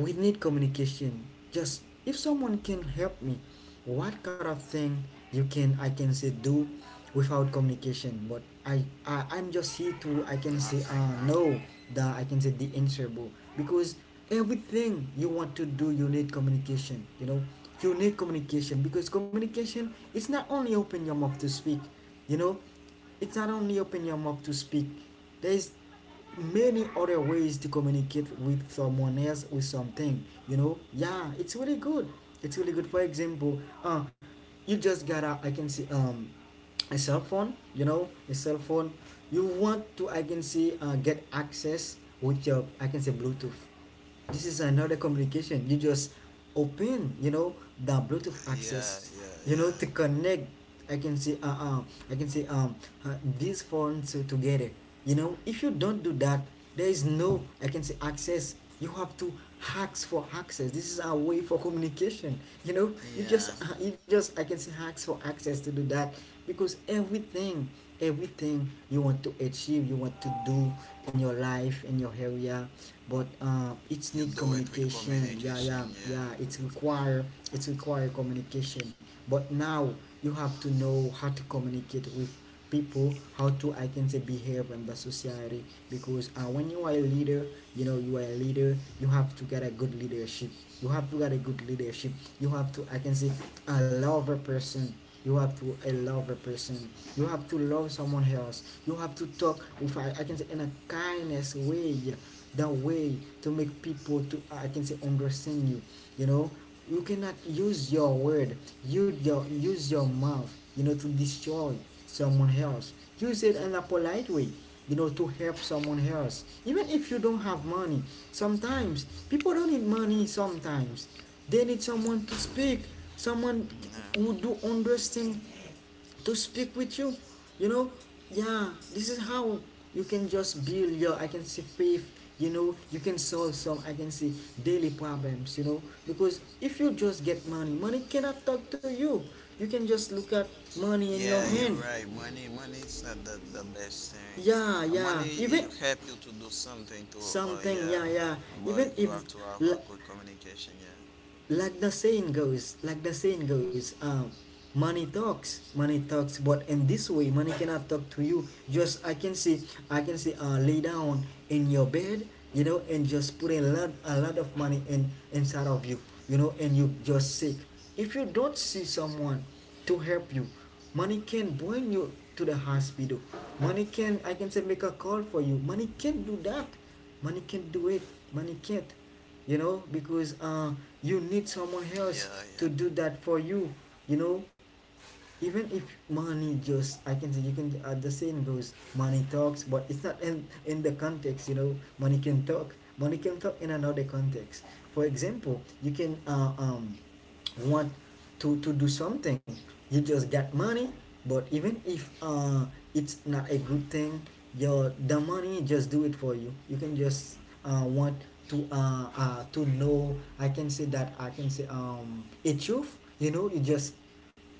S1: we need communication. Just if someone can help me, what kind of thing you can, I can say, do without communication? But I'm just here to, I can say,
S2: Nothing, nothing.
S1: no, the I can say the answerable. Because everything you want to do, you need communication. You know, you need communication because communication, it's not only open your mouth to speak. You know, it's not only open your mouth to speak. There is many other ways to communicate with someone else, with something, you know. Yeah, it's really good, it's really good. For example, you just got to, I can see, um, a cell phone, you know, a cell phone. You want to, I can see, get access with your, I can say, bluetooth. This is another communication. You just open, you know, the bluetooth
S2: Yeah,
S1: access, you know,
S2: yeah,
S1: to connect, I can say, I can say, uh, these phones together, you know. If you don't do that, there is no, I can say, access. You have to hacks for access. This is our way for communication. You know,
S2: yeah,
S1: you just
S2: yeah.
S1: you just, I can say, hacks for access to do that. Because everything, everything you want to achieve, you want to do in your life, in your area, but it's
S2: You
S1: need
S2: do it with
S1: communication. Yeah,
S2: communication,
S1: yeah,
S2: yeah,
S1: yeah, it's require, it's require communication. But now you have to know how to communicate with people, how to, I can say, behave in the society. Because when you are a leader, you know, you are a leader, you have to get a good leadership, you have to get a good leadership. You have to, I can say, a lover person, you have to a lover person. You have to love someone else. You have to talk with, I can say, in a kindness way, the way to make people to, I can say, understand you. You know, you cannot use your word, use your, use your mouth, you know, to destroy someone else. Use it in a polite way, you know, to help someone else. Even if you don't have money, sometimes people don't need money. Sometimes they need someone to speak, someone
S2: yeah.
S1: who do understand, to speak with you, you know. Yeah, this is how you can just build your, I can say, faith, you know. You can solve some, I can say, daily problems, you know. Because if you just get money, money cannot talk to you. You can just look at money in your
S2: Yeah,
S1: hand.
S2: you're right. Money, money is not the, best thing.
S1: Yeah, yeah,
S2: Money,
S1: even
S2: it help you to do something to
S1: something, yeah,
S2: yeah,
S1: yeah. Even
S2: but you
S1: if,
S2: have to have
S1: l-
S2: a good communication. Yeah,
S1: like the saying goes, like the saying goes, um, money talks, money talks. But in this way, money cannot talk to you. Just, I can see, I can see, uh, lay down in your bed, you know, and just put a lot of money in, inside of you, you know, and you just sick. If you don't see someone to help you, money can bring you to the hospital. Money can, I can say, make a call for you. Money can do that, money can do it, money can't. You know, because you need someone else to
S2: yeah,
S1: do that for you, you know. Even if money, just I can say, you can, the saying goes money talks, but it's not in, in the context. You know, money can talk, money can talk in another context. For example, you can, want to do something. You just got money, but even if, it's not a good thing, your the money just do it for you. You can just want to, to know, I can say that, I can say, um, a truth. You know, you just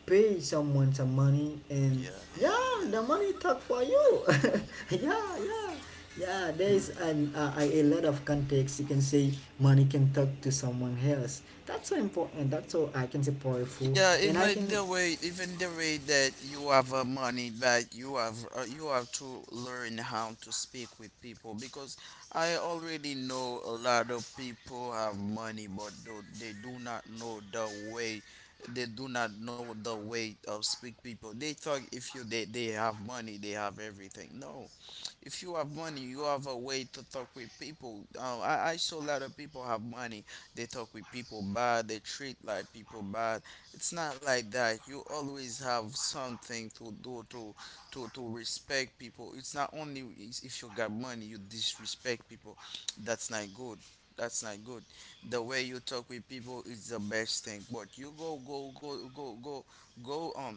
S1: pay someone some money, and
S2: yeah, yeah,
S1: yeah,
S2: yeah,
S1: the
S2: yeah.
S1: money talk for you. Yeah, yeah, yeah. There is an, a lot of context, you can say money can talk to someone else. That's so important, that's so, I can say, powerful.
S2: Yeah,
S1: And I can
S2: even the way that you have money, but you have to learn how to speak with people, because I already know a lot of people have money, but do, they do not know the way. They do not know the way of speak people. They thought if you they, have money, they have everything. No, if you have money, you have a way to talk with people. I saw a lot of people have money. They talk with people bad. They treat like people bad. It's not like that. You always have something to do to, to respect people. It's not only if you got money, you disrespect people. That's not good. That's not good. The way you talk with people is the best thing. But you go,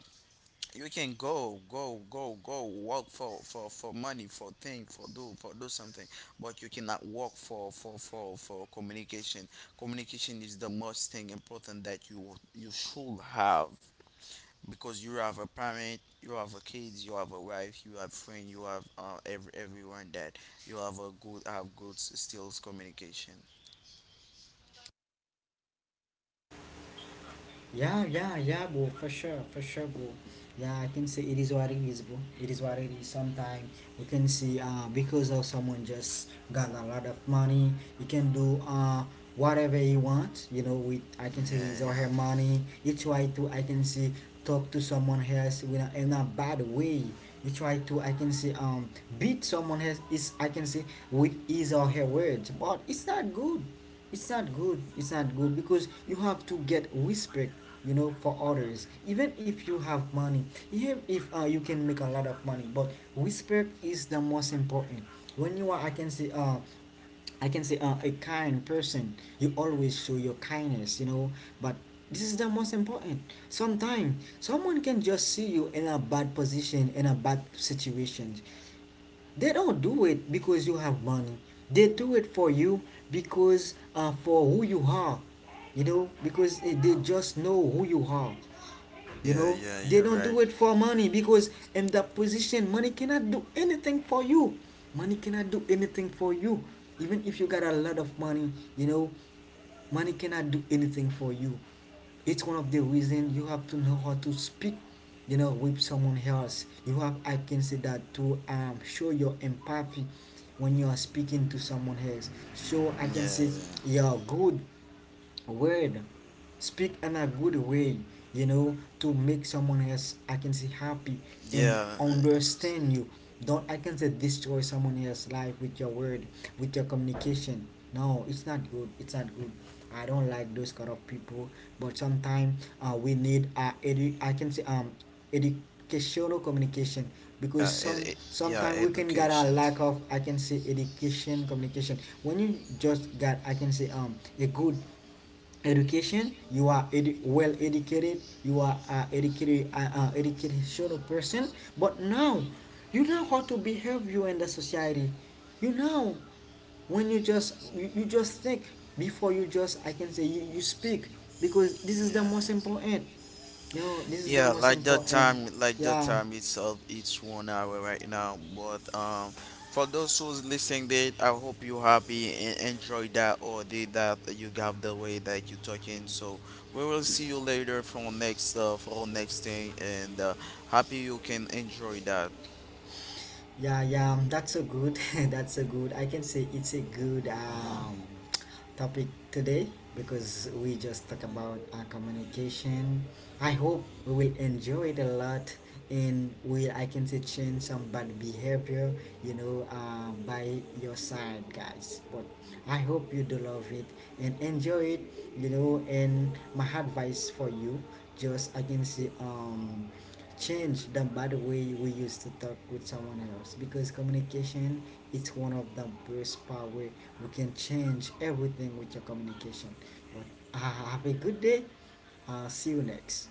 S2: you can go work for money, for thing, for do, something. But you cannot work for communication. Communication is the most thing important that you should have, because you have a parent, you have a kids, you have a wife, you have friend, you have everyone that you have a good, have good skills communication.
S1: Yeah, yeah, yeah, bro, for sure, bro. Yeah, I can say it is what it is, bro. It is what it is. Sometimes you can see, because of someone just got a lot of money, he can do, whatever he wants, you know, with, I can say,
S2: Yeah,
S1: his or
S2: yeah,
S1: her money. He try to, I can see, talk to someone else in a bad way. He try to, I can say, beat someone else, is, I can say, with his or her words. But it's not good, it's not good. It's not good because you have to get respect, you know, for others. Even if you have money, even if you can make a lot of money, but respect is the most important. When you are, I can say, a kind person, you always show your kindness, you know. But this is the most important. Sometimes someone can just see you in a bad position, in a bad situation. They don't do it because you have money. They do it for you because for who you are. You know, because eh, they just know who you are, you
S2: yeah,
S1: know.
S2: yeah,
S1: They
S2: you're
S1: don't
S2: right.
S1: do it for money because in that position, money cannot do anything for you. Money cannot do anything for you. Even if you got a lot of money, you know, money cannot do anything for you. It's one of the reasons you have to know how to speak, you know, with someone else. You have, I can say that, to show your empathy when you are speaking to someone else. So, I can say,
S2: Yeah,
S1: you're good word, speak in a good way, you know, to make someone else, I can say, happy and
S2: yeah, yeah.
S1: understand you. Don't, I can say, destroy someone else's life with your word, with your communication. No, it's not good, it's not good. I don't like those kind of people. But sometimes we need I can say, um, educational communication. Because
S2: Yeah, yeah,
S1: sometimes we can get a
S2: education.
S1: lack of, I can say, education communication. When you just got, I can say, um, a good education, you are well educated, you are educated, educational person. But now you know how to behave you in the society, you know. When you just you just think before you just, I can say, you speak, because this
S2: Yeah,
S1: is the most
S2: yeah.
S1: important. You know, this is the
S2: Yeah,
S1: most
S2: like that
S1: important.
S2: time,
S1: Yeah.
S2: itself, it's 1 hour right now. But for those who's listening, they, I hope you happy and enjoy that, or did that you got the way that you talking. So we will see you later for next thing, and happy you can enjoy that.
S1: Yeah, yeah, that's so good. That's so good. I can say it's a good, topic today because we just talk about communication. I hope we will enjoy it a lot, and we, I can say, change some bad behavior, you know, by your side, guys. But I hope you do love it and enjoy it, you know. And my advice for you, just, I can say, um, change the bad way we used to talk with someone else, because communication is one of the best power we can change everything with your communication. But have a good day. See you next.